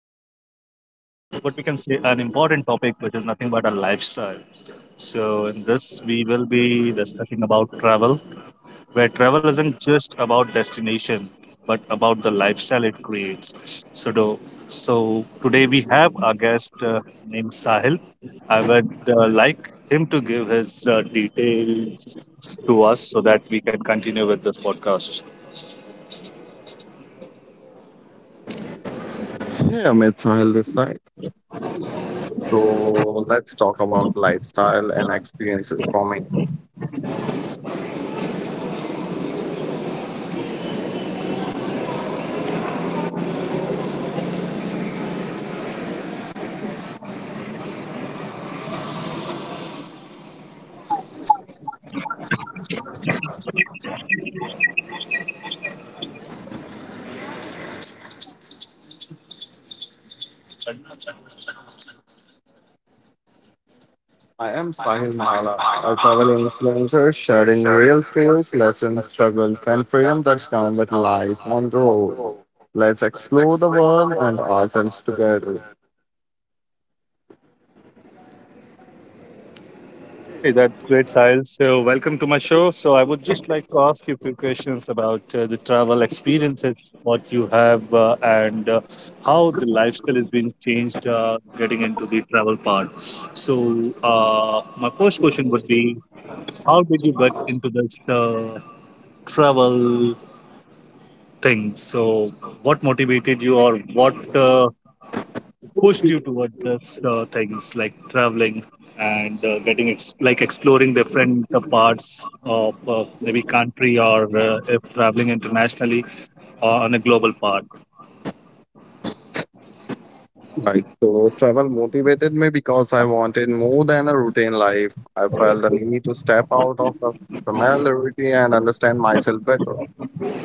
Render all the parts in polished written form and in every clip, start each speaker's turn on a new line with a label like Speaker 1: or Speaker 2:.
Speaker 1: uh, like what we can say, an important topic, which is nothing but a lifestyle. So in this, we will be discussing about travel where travel isn't just about destination, but about the lifestyle it creates. So today we have our guest named Sahil. I would like him to give his details to us so that we can continue with this podcast.
Speaker 2: Hey, it's Sahil this side. So let's talk about lifestyle and experiences for me. I am Sahil Mala, a travel influencer sharing real stories, lessons, struggles, and freedom that come with life on the road. Let's explore the world and ourselves together.
Speaker 1: Hey, that's great, Sahil. So, welcome to my show. So, I would just like to ask you a few questions about the travel experiences, what you have, and how the lifestyle has been changed getting into the travel part. So, my first question would be how did you get into this travel thing? So, what motivated you, or what pushed you toward this things like traveling and like exploring different parts of maybe country, or if traveling internationally on a global part.
Speaker 2: Right. So travel motivated me because I wanted more than a routine life. I felt the need to step out of the familiarity and understand myself better.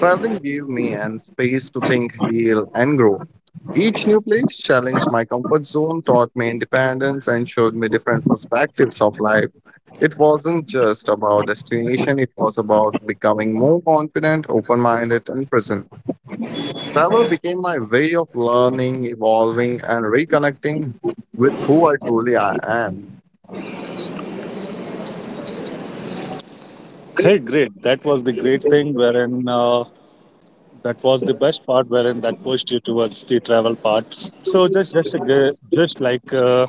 Speaker 2: Traveling gave me an space to think, heal, and grow. Each new place challenged my comfort zone, taught me independence, and showed me different perspectives of life. It wasn't just about destination, it was about becoming more confident, open minded, and present. Travel became my way of learning, evolving, and reconnecting with who I truly I am.
Speaker 1: Hey, great, that was the great thing wherein that was the best part wherein that pushed you towards the travel part. Just like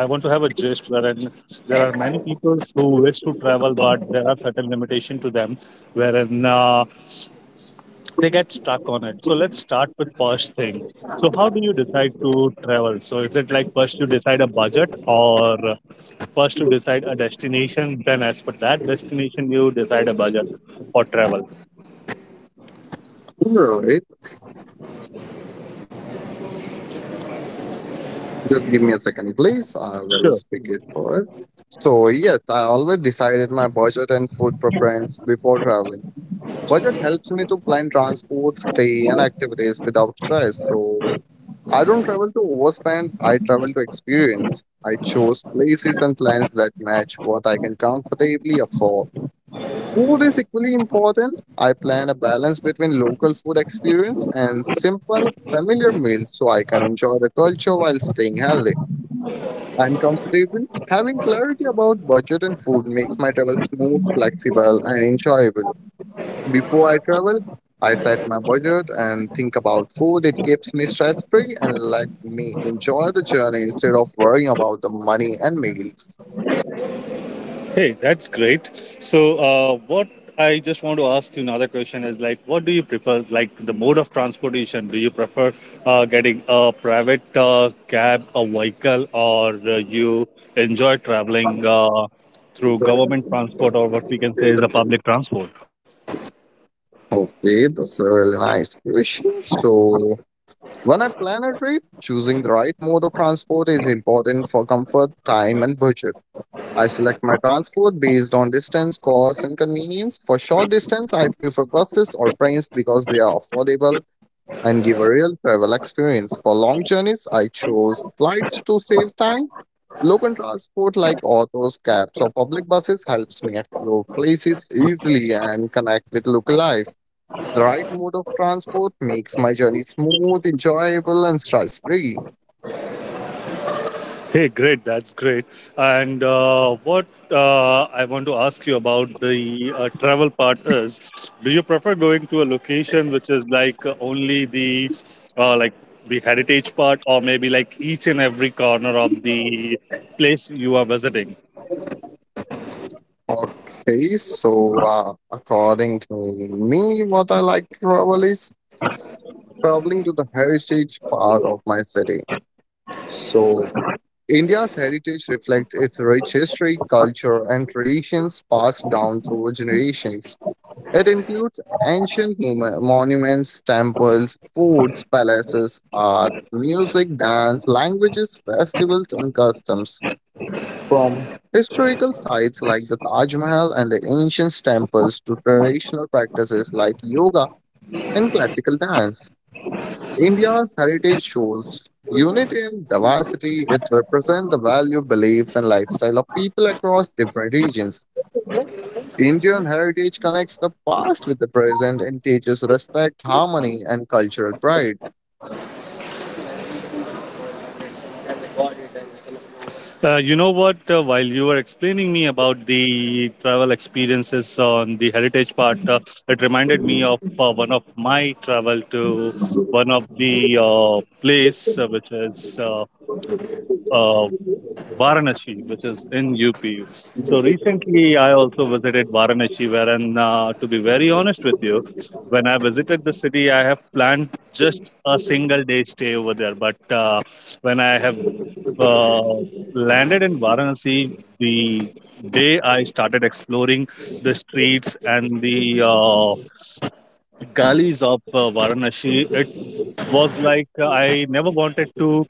Speaker 1: I want to have a gist wherein there are many people who wish to travel, but there are certain limitation to them wherein they get stuck on it. So let's start with first thing. So how do you decide to travel? So is it like first you decide a budget, or first you decide a destination, then as per that destination you decide a budget for travel?
Speaker 2: Sure, right? Just give me a second, please. I will
Speaker 1: Sure.
Speaker 2: speak it forward. So, yes, I always decided my budget and food preference before traveling. Budget helps me to plan transport, stay, and activities without stress. So, I don't travel to overspend, I travel to experience. I chose places and plans that match what I can comfortably afford. Food is equally important. I plan a balance between local food experience and simple, familiar meals so I can enjoy the culture while staying healthy. I'm comfortable. Having clarity about budget and food makes my travel smooth, flexible, and enjoyable. Before I travel, I set my budget and think about food. It keeps me stress free and let me enjoy the journey instead of worrying about the money and meals.
Speaker 1: Hey, that's great. So, what I just want to ask you another question is like, what do you prefer? Like the mode of transportation? Do you prefer getting a private cab, a vehicle, or you enjoy traveling through government transport, or what we can say is the public transport?
Speaker 2: Okay, that's a really nice question. So, when I plan a trip, choosing the right mode of transport is important for comfort, time, and budget. I select my transport based on distance, cost, and convenience. For short distance, I prefer buses or trains because they are affordable and give a real travel experience. For long journeys, I chose flights to save time. Local transport like autos, cabs, or public buses helps me explore places easily and connect with local life. The right mode of transport makes my journey smooth, enjoyable, and stress free.
Speaker 1: Hey, great. That's great. And what I want to ask you about the travel part is, do you prefer going to a location which is like only uh, like the heritage part, or maybe like each and every corner of the place you are visiting?
Speaker 2: Okay, so according to me, what I like to travel is traveling to the heritage part of my city. So India's heritage reflects its rich history, culture, and traditions passed down through generations. It includes monuments, temples, forts, palaces, art, music, dance, languages, festivals, and customs. From historical sites like the Taj Mahal and the ancient temples to traditional practices like yoga and classical dance, India's heritage shows unity and diversity. It represents the value, beliefs, and lifestyle of people across different regions. Indian heritage connects the past with the present and teaches respect, harmony, and cultural pride.
Speaker 1: You know what? While you were explaining me about the travel experiences on the heritage part, it reminded me of one of my travel to one of the place which is uh, Varanasi, which is in UP. So recently, I also visited Varanasi, wherein, to be very honest with you, when I visited the city, I have planned just a single day stay over there. But when I have uh, landed in Varanasi, the day I started exploring the streets and the gullies of Varanasi, it was like I never wanted to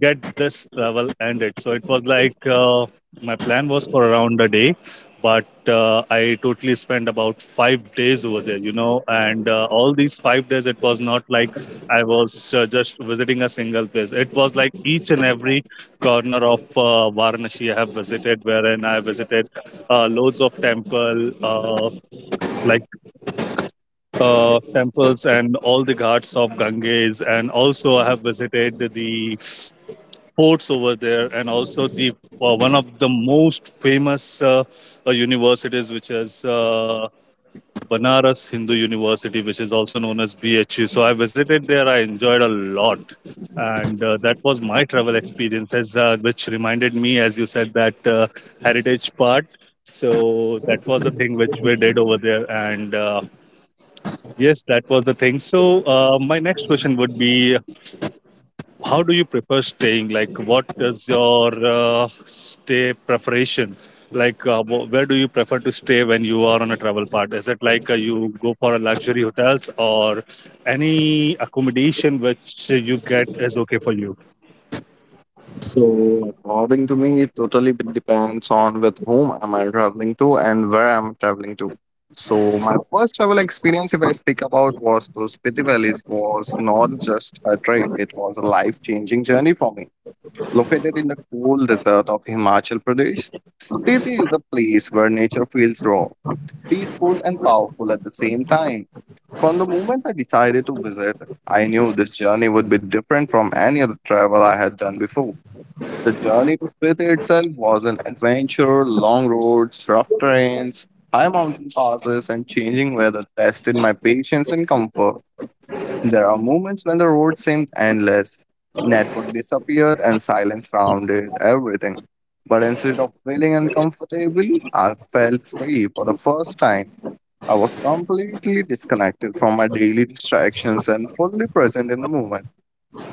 Speaker 1: get this travel ended. So it was like my plan was for around a day, but I totally spent about 5 days over there, you know. And all these 5 days, it was not like I was just visiting a single place. It was like each and every corner of Varanasi I have visited, wherein I visited loads of temple. Like temples and all the ghats of Ganges, and also I have visited the forts over there, and also the one of the most famous universities, which is Banaras Hindu University, which is also known as BHU. So I visited there. I enjoyed a lot. And that was my travel experiences, which reminded me, as you said, that heritage part. So that was the thing which we did over there, and yes, that was the thing. So, my next question would be how do you prefer staying? Like, what is your stay preparation? Like, where do you prefer to stay when you are on a travel part? Is it like you go for a luxury hotels, or any accommodation which you get is okay for you?
Speaker 2: So, according to me, it totally depends on with whom am I traveling to and where I'm traveling to. So, my first travel experience, if I speak about, was to Spiti Valleys, was not just a trip; it was a life-changing journey for me. Located in the cool desert of Himachal Pradesh, Spiti is a place where nature feels raw, peaceful, and powerful at the same time. From the moment I decided to visit, I knew this journey would be different from any other travel I had done before. The journey to Split itself was an adventure, long roads, rough terrains, high mountain passes, and changing weather tested my patience and comfort. There are moments when the road seemed endless. Network disappeared and silence surrounded everything. But instead of feeling uncomfortable, I felt free for the first time. I was completely disconnected from my daily distractions and fully present in the moment.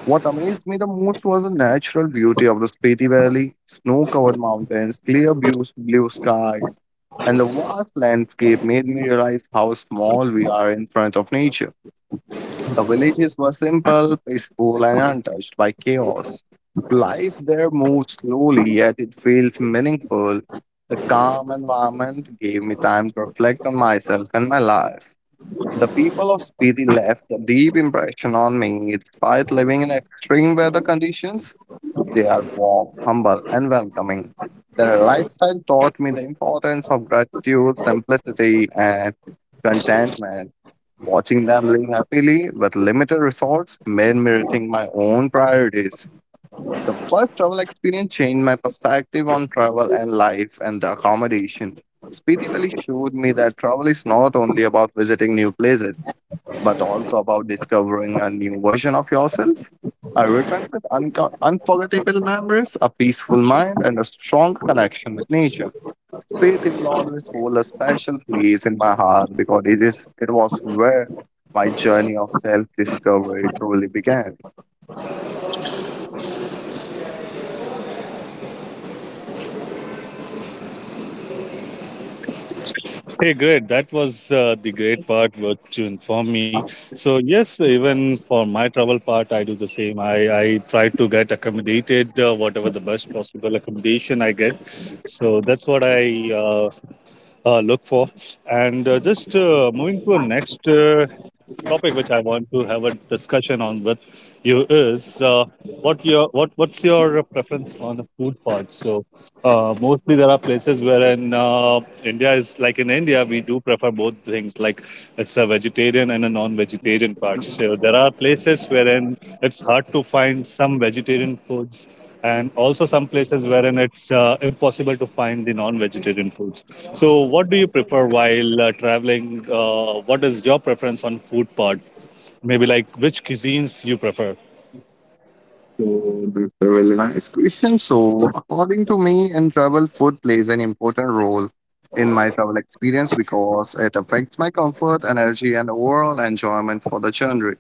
Speaker 2: What amazed me the most was the natural beauty of the Spiti Valley, snow covered mountains, blue skies, and the vast landscape made me realize how small we are in front of nature. The villages were simple, peaceful, and untouched by chaos. Life there moved slowly, yet it felt meaningful. The calm environment gave me time to reflect on myself and my life. The people of Spiti left a deep impression on me despite living in extreme weather conditions. They are warm, humble, and welcoming. Their lifestyle taught me the importance of gratitude, simplicity, and contentment. Watching them live happily with limited resources made me rethink my own priorities. The first travel experience changed my perspective on travel and life and accommodation. Spiti Valley showed me that travel is not only about visiting new places but also about discovering a new version of yourself. I returned with unforgettable memories, a peaceful mind, and a strong connection with nature. Faith will always hold a special place in my heart because it was where my journey of self-discovery truly began.
Speaker 1: Hey, great! That was the great part what you informed me. So yes, even for my travel part, I do the same. I try to get accommodated, whatever the best possible accommodation I get. So that's what I look for. And just moving to a next topic which I want to have a discussion on with you is, what your what's your preference on the food part? So mostly there are places where in India is like, in India we do prefer both things like it's a vegetarian and a non-vegetarian part. So there are places wherein it's hard to find some vegetarian foods, and also some places wherein it's impossible to find the non-vegetarian foods. So what do you prefer while traveling? What is your preference on food part? Maybe like which cuisines you prefer?
Speaker 2: So that's a really nice question. So according to me, in travel, food plays an important role in my travel experience because it affects my comfort, energy, and overall enjoyment for the journey.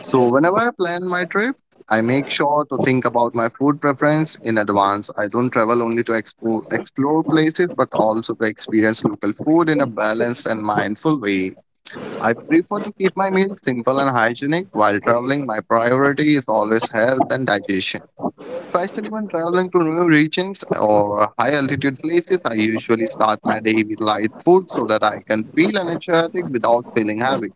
Speaker 2: So, whenever I plan my trip, I make sure to think about my food preference in advance. I don't travel only to explore places, but also to experience local food in a balanced and mindful way. I prefer to keep my meals simple and hygienic while traveling. My priority is always health and digestion. Especially when traveling to new regions or high altitude places, I usually start my day with light food so that I can feel energetic without feeling heavy.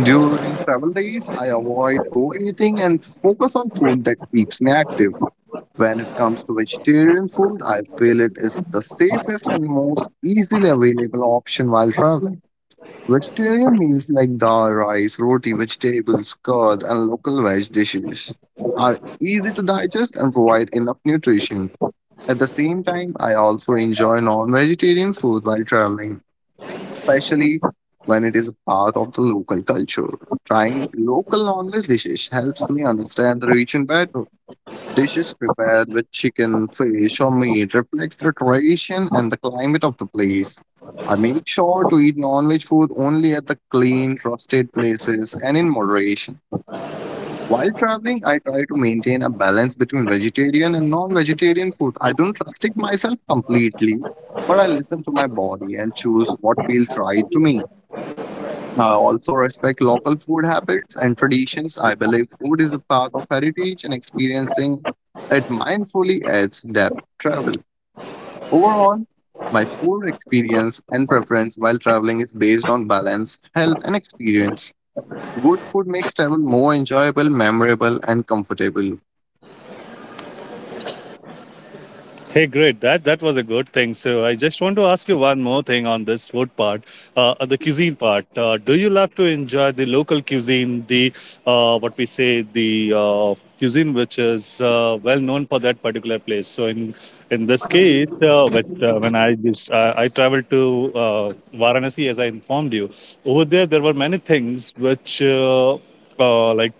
Speaker 2: During travel days, I avoid overeating and focus on food that keeps me active. When it comes to vegetarian food, I feel it is the safest and most easily available option while traveling. Vegetarian meals like dal, rice, roti, vegetables, curd, and local veg dishes are easy to digest and provide enough nutrition. At the same time, I also enjoy non vegetarian food while traveling especially when it is a part of the local culture. Trying local non-veg dishes helps me understand the region better. Dishes prepared with chicken, fish, or meat reflects the tradition and the climate of the place. I make sure to eat non-veg food only at the clean, trusted places and in moderation. While traveling, I try to maintain a balance between vegetarian and non-vegetarian food. I don't restrict myself completely, but I listen to my body and choose what feels right to me. Also respect local food habits and traditions. I believe food is a part of heritage and experiencing it mindfully adds depth travel. Overall, my food experience and preference while traveling is based on balance, health, and experience. Good food makes travel more enjoyable, memorable, and comfortable.
Speaker 1: Hey, great. That that was a good thing. So I just want to ask you one more thing on this food part, on the cuisine part. Do you love to enjoy the local cuisine, the what we say, the cuisine which is well known for that particular place? So in this case, when I traveled to uh, Varanasi, as I informed you, over there there were many things which uh, like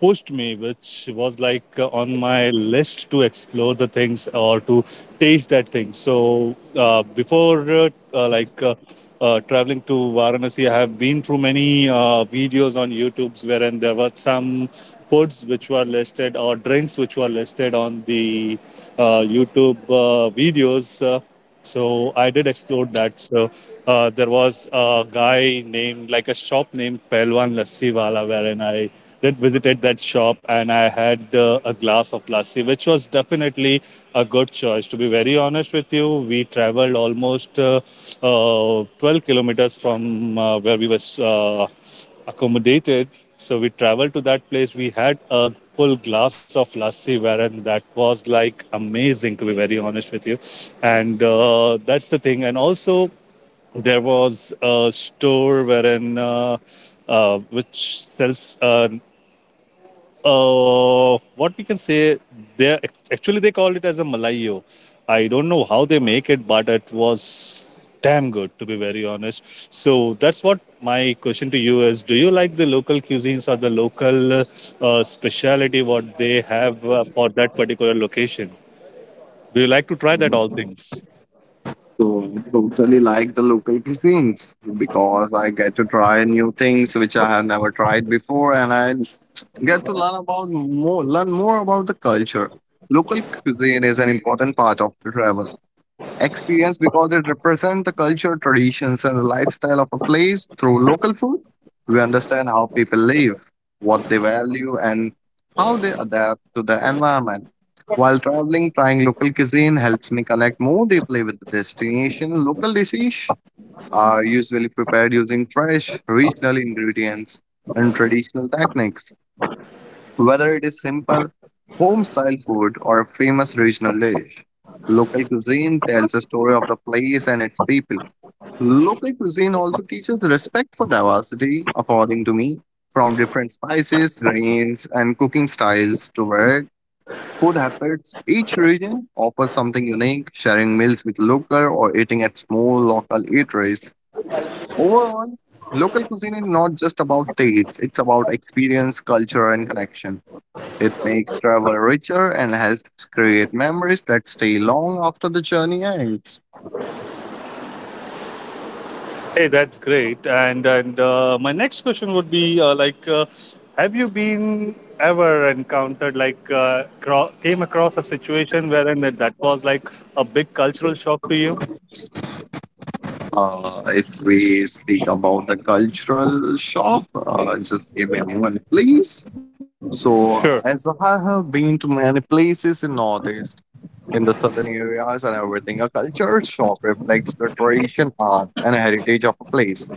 Speaker 1: pushed me, which was like on my list to explore the things or to taste that thing. So before traveling to Varanasi, I have been through many videos on YouTube's wherein there were some foods which were listed, or drinks which were listed on the YouTube videos. So I did explore that. So there was a guy named, like a shop named Pelwan Lassi Wala, wherein I did visited that shop, and I had a glass of lassi, which was definitely a good choice. To be very honest with you, we traveled almost 12 kilometers from where we was accommodated. So we traveled to that place. We had a full glass of lassi, wherein that was like amazing. To be very honest with you, and that's the thing. And also there was a store wherein which sells, what we can say. They actually they called it as a malayo. I don't know how they make it, but it was damn good, to be very honest. So that's what my question to you is: do you like the local cuisines or the local speciality what they have for that particular location? Do you like to try that all things?
Speaker 2: So I totally like the local cuisines because I get to try new things which I have never tried before and I get to learn about more, learn more about the culture. Local cuisine is an important part of the travel experience because it represents the culture, traditions, and the lifestyle of a place. Through local food, we understand how people live, what they value, and how they adapt to the environment. While traveling, trying local cuisine helps me connect more deeply with the destination. Local dishes are usually prepared using fresh, regional ingredients and traditional techniques whether it is simple home style food or a famous regional dish, local cuisine tells a story of the place and its people. Local cuisine also teaches respect for diversity, according to me, from different spices, grains, and cooking styles to varied food habits. Each region offers something unique, sharing meals with local or eating at small local eateries. Overall, local cuisine is not just about taste, it's about experience, culture, and connection. It makes travel richer and helps create memories that stay long after the journey ends.
Speaker 1: Hey, that's great. And my next question would be have you been ever encountered like came across a situation wherein that was like a big cultural shock to you?
Speaker 2: If we speak about the cultural shop, just give me a moment, please.
Speaker 1: Sure.
Speaker 2: So, as I have been to many places in Northeast, in the southern areas and everything, a cultural shop reflects the tradition, art, and heritage of a place.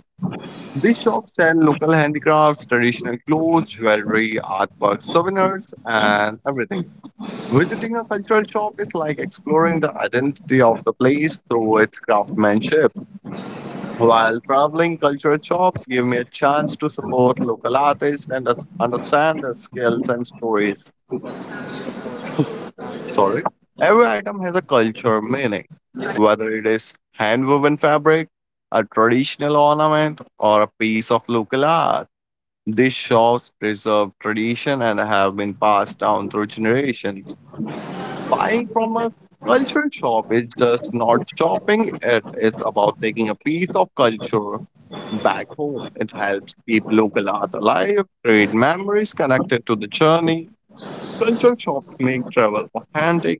Speaker 2: These shops sell local handicrafts, traditional clothes, jewelry, artwork, souvenirs, and everything. Visiting a cultural shop is like exploring the identity of the place through its craftsmanship. While traveling, cultural shops give me a chance to support local artists and understand their skills and stories. Sorry. Every item has a culture meaning, whether it is hand-woven fabric, a traditional ornament, or a piece of local art. These shops preserve tradition and have been passed down through generations. Buying from a culture shop is just not shopping, it is about taking a piece of culture back home. It helps keep local art alive, create memories connected to the journey. Culture shops make travel authentic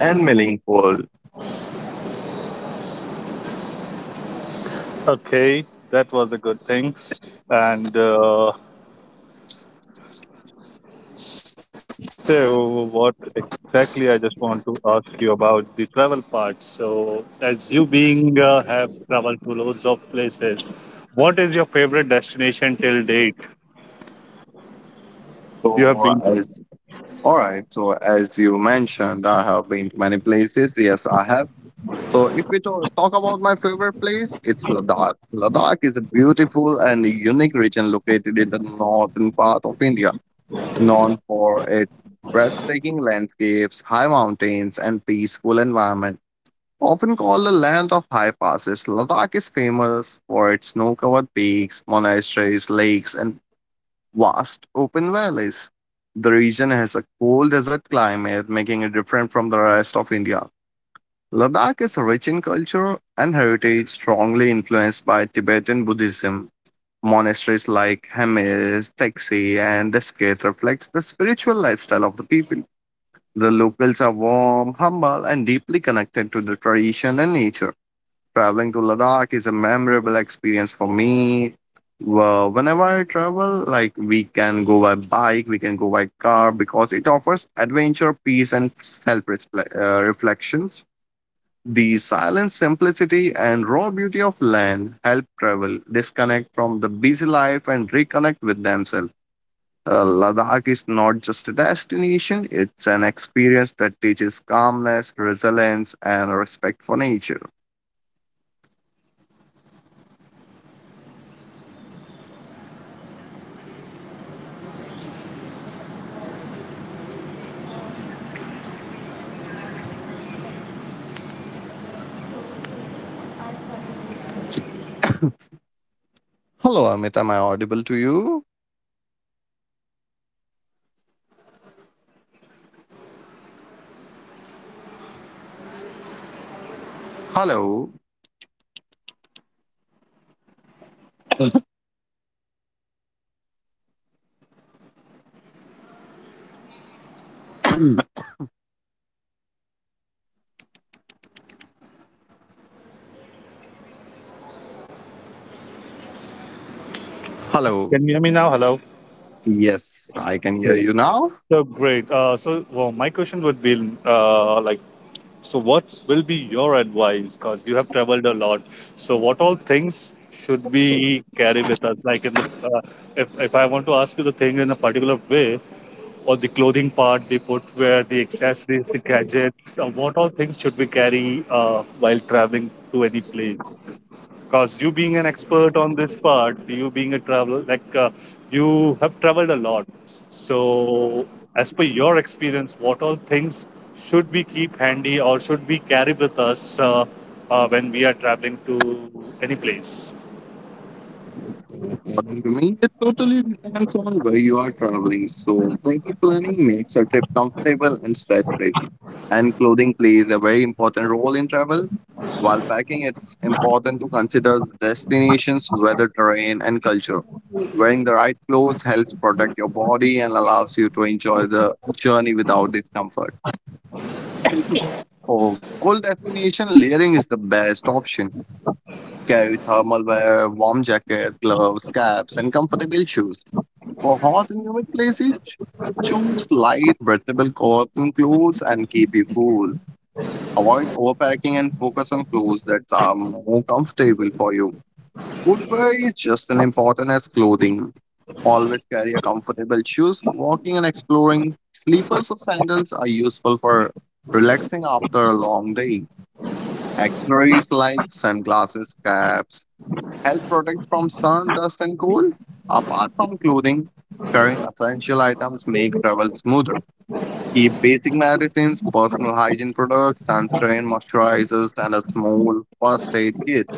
Speaker 2: and meaningful.
Speaker 1: Okay, that was a good thing. And so, what exactly I just want to ask you about the travel part. So, as you being have traveled to loads of places, what is your favorite destination till date? You have
Speaker 2: So,
Speaker 1: been to.
Speaker 2: as All right, so as you mentioned, I have been to many places. Yes, I have. So if we talk about my favorite place, it's Ladakh. Ladakh is a beautiful and unique region located in the northern part of India, known for its breathtaking landscapes, high mountains, and peaceful environment. Often called the land of high passes, Ladakh is famous for its snow-covered peaks, monasteries, lakes, and vast open valleys. The region has a cold desert climate, making it different from the rest of India. Ladakh is rich in culture and heritage, strongly influenced by Tibetan Buddhism. Monasteries like Hemis, Taxi, and Deskit reflect the spiritual lifestyle of the people. The locals are warm, humble, and deeply connected to the tradition and nature. Traveling to Ladakh is a memorable experience for me. Well, whenever I travel, like we can go by bike, we can go by car, because it offers adventure, peace, and self-reflections. The silent simplicity and raw beauty of land help travel disconnect from the busy life and reconnect with themselves. Ladakh is not just a destination, it's an experience that teaches calmness, resilience, and respect for nature. Hello, Amit, am I audible to you? Hello. Hello.
Speaker 1: Can you hear me now? Hello.
Speaker 2: Yes, I can hear
Speaker 1: Okay.
Speaker 2: you now.
Speaker 1: So great. So well, my question would be uh, like, so what will be your advice? Because you have traveled a lot. So what all things should we carry with us? Like in the, uh, if I want to ask you the thing in a particular way, or the clothing part, the footwear, the accessories, the gadgets, what all things should we carry while traveling to any place? Because you being an expert on this part, you being a traveler, like you have traveled a lot. So, as per your experience, what all things should we keep handy, or should we carry with us when we are traveling to any place?
Speaker 2: According to me, it totally depends on where you are traveling. So, proper planning makes a trip comfortable and stress free, and clothing plays a very important role in travel. While packing, it's important to consider destinations, weather, terrain, and culture. Wearing the right clothes helps protect your body and allows you to enjoy the journey without discomfort. Oh, cold destination layering is the best option. Carry thermal wear, warm jacket, gloves, caps, and comfortable shoes. For hot and humid places, choose light, breathable cotton clothes and keep you cool. Avoid overpacking and focus on clothes that are more comfortable for you. Footwear is just as important as clothing. Always carry a comfortable shoes for walking and exploring. Slippers or sandals are useful for relaxing after a long day. Accessories like sunglasses, caps help protect from sun, dust, and cold. Apart from clothing, carrying essential items make travel smoother. Keep basic medicines, personal hygiene products, sunscreen, moisturizers, and a small first aid kit.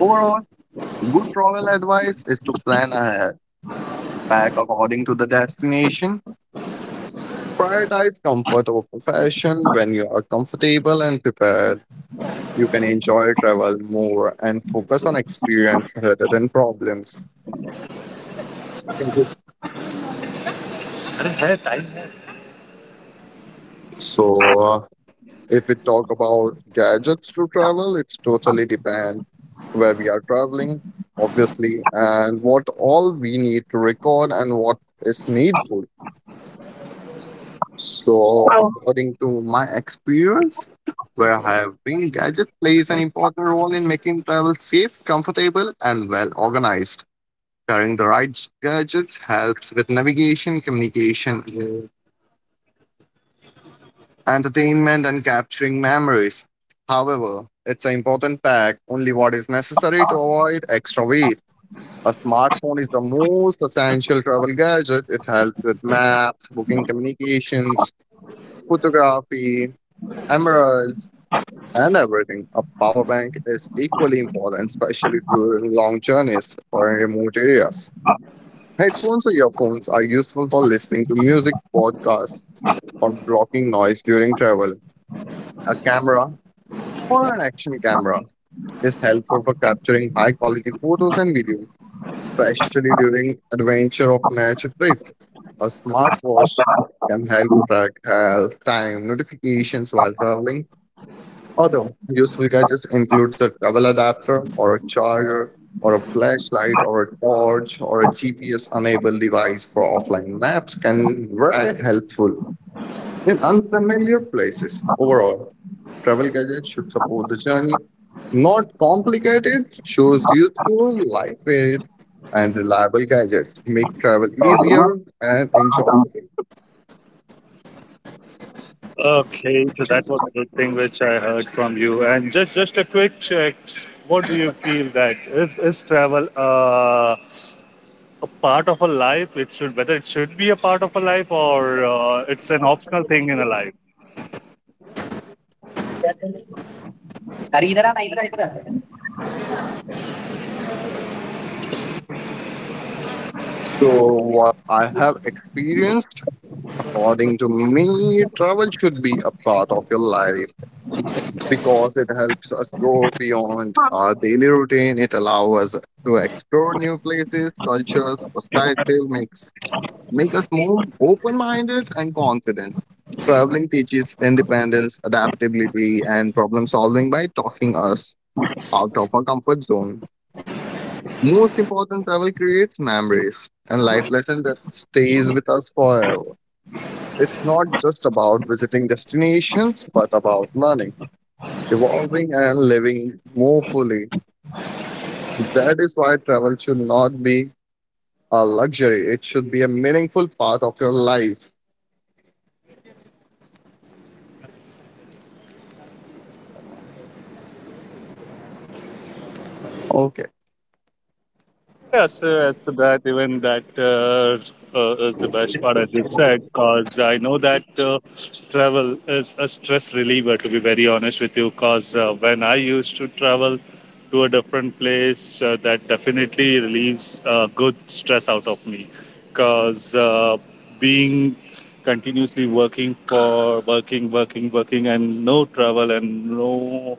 Speaker 2: Overall, good travel advice is to plan ahead, pack according to the destination, prioritize comfort over fashion when you are comfortable and prepared. You can enjoy travel more and focus on experience rather than problems.
Speaker 1: अरे है time है।
Speaker 2: So, if we talk about gadgets to travel, it's totally depend where we are traveling, obviously, and what all we need to record and what is needful. So, according to my experience, where I have been, gadget plays an important role in making travel safe, comfortable, and well organized. Carrying the right gadgets helps with navigation, communication, entertainment, and capturing memories. However, it's an important pack, only what is necessary to avoid extra weight. A smartphone is the most essential travel gadget. It helps with maps, booking communications, photography, emeralds, and everything. A power bank is equally important, especially during long journeys or in remote areas. Headphones or earphones are useful for listening to music, podcasts, or blocking noise during travel. A camera or an action camera is helpful for capturing high quality photos and videos, especially during adventure or nature trips. A smartwatch can help track health, time, notifications while traveling. Other useful gadgets includes a travel adapter or a charger or a flashlight or a torch or a GPS enabled device for offline maps can be very helpful in unfamiliar places. Overall, travel gadgets should support the journey, not complicate it. Choose useful, lightweight, and reliable gadgets. Make travel easier and enjoyable. अरे
Speaker 1: Okay, so that was a good thing which I heard from you. And just a quick check, what do you feel that is travel a part of a life? It should, whether it should be a part of a life, or it's an optional thing in a life.
Speaker 2: इधर आना इधर आ, इधर आ। So, what I have experienced, according to me, travel should be a part of your life, because it helps us grow beyond our daily routine. It allows us to explore new places, cultures, perspective, make us more open-minded and confident. Traveling teaches independence, adaptability, and problem solving by talking us out of our comfort zone. Most important, travel creates memories and life lessons that stays with us forever. It's not just about visiting destinations, but about learning, evolving and living more fully. That is why travel should not be a luxury, it should be a meaningful part of your life. Okay.
Speaker 1: Yes, as to that, even that is the best part, as you said, because I know that travel is a stress reliever, to be very honest with you. Because when I used to travel to a different place, that definitely relieves good stress out of me. Because being continuously working for working, working, working, and no travel and no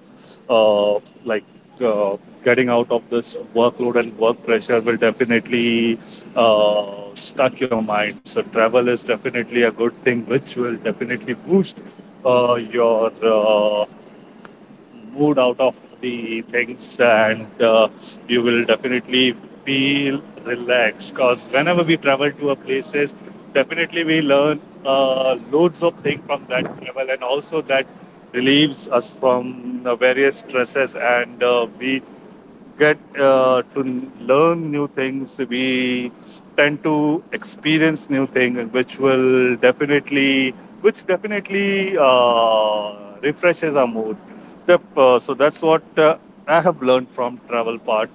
Speaker 1: uh, like uh, getting out of this workload and work pressure will definitely stuck your mind. So travel is definitely a good thing, which will definitely boost your mood out of the things, and you will definitely feel relaxed, because whenever we travel to a places, definitely we learn loads of things from that travel, and also that relieves us from various stresses, and we get to learn new things. We tend to experience new things, which will definitely, which definitely refreshes our mood. So that's what I have learned from travel part.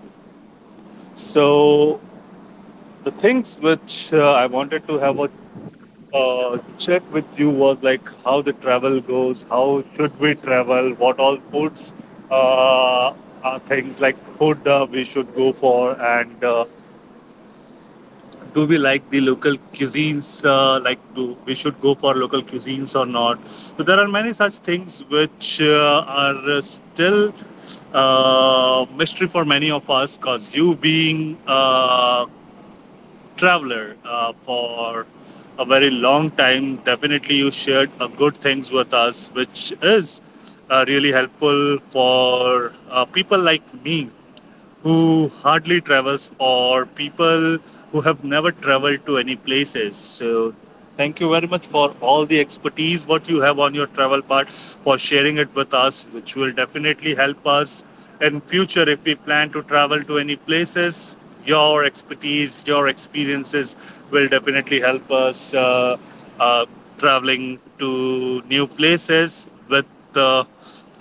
Speaker 1: So the things which I wanted to have a check with you was like how the travel goes, how should we travel, what all foods uh, are things like food we should go for, and do we like the local cuisines? Like, do we should go for local cuisines or not? So there are many such things which are still mystery for many of us, cause you being traveler for a very long time. Definitely, you shared good things with us, which is really helpful for people like me who hardly travels, or people who have never traveled to any places. So thank you very much for all the expertise what you have on your travel part for sharing it with us, which will definitely help us in future if we plan to travel to any places. Your expertise, your experiences will definitely help us uh, traveling to new places with uh,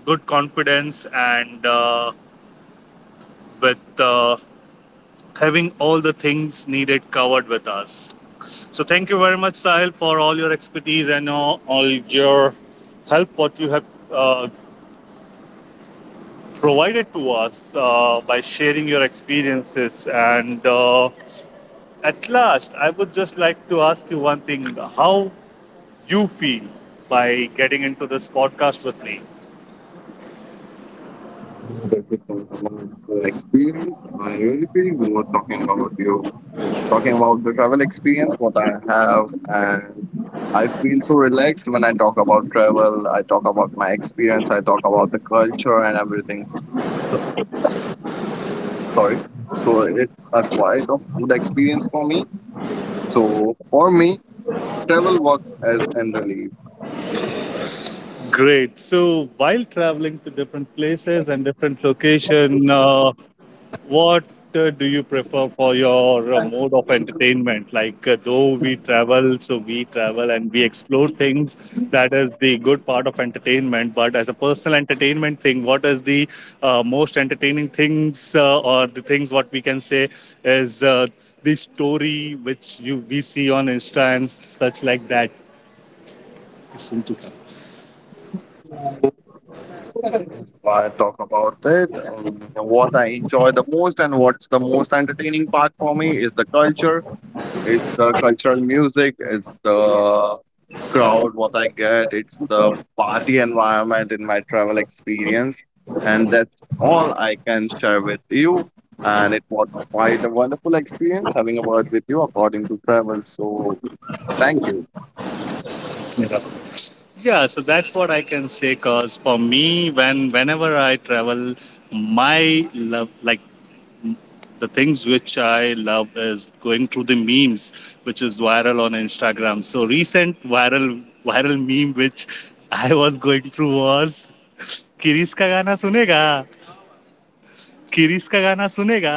Speaker 1: good confidence and with having all the things needed covered with us. So thank you very much, Sahil, for all your expertise, and all your help what you have uh, provided to us by sharing your experiences. And at last, I would just like to ask you one thing: how you feel by getting into this podcast with me?
Speaker 2: That we talk about the experience. I really feel we were talking about you, talking about the travel experience, what I have, and I feel so relaxed when I talk about travel. I talk about my experience. I talk about the culture and everything. So, sorry. So it's a quite of good experience for me. So for me, travel works as an relief.
Speaker 1: Great. So while traveling to different places and different location. What do you prefer for your mode of entertainment? Like, though we travel, so we travel and we explore things. That is the good part of entertainment. But as a personal entertainment thing, what is the most entertaining things or the things what we can say is the story which you we see on Insta and such like that? It's soon to come.
Speaker 2: I talk about it. What I enjoy the most and what's the most entertaining part for me is the culture, it's the cultural music, it's the crowd, what I get, it's the party environment in my travel experience. And that's all I can share with you. And it was quite a wonderful experience having a word with you according to travel. So thank you.
Speaker 1: Yeah, so that's what I can say. Cause for me, when whenever I travel, my love, like the things which I love, is going through the memes, which is viral on Instagram. So recent viral meme which I was going through was किरिस का गाना सुनेगा किरिस का गाना सुनेगा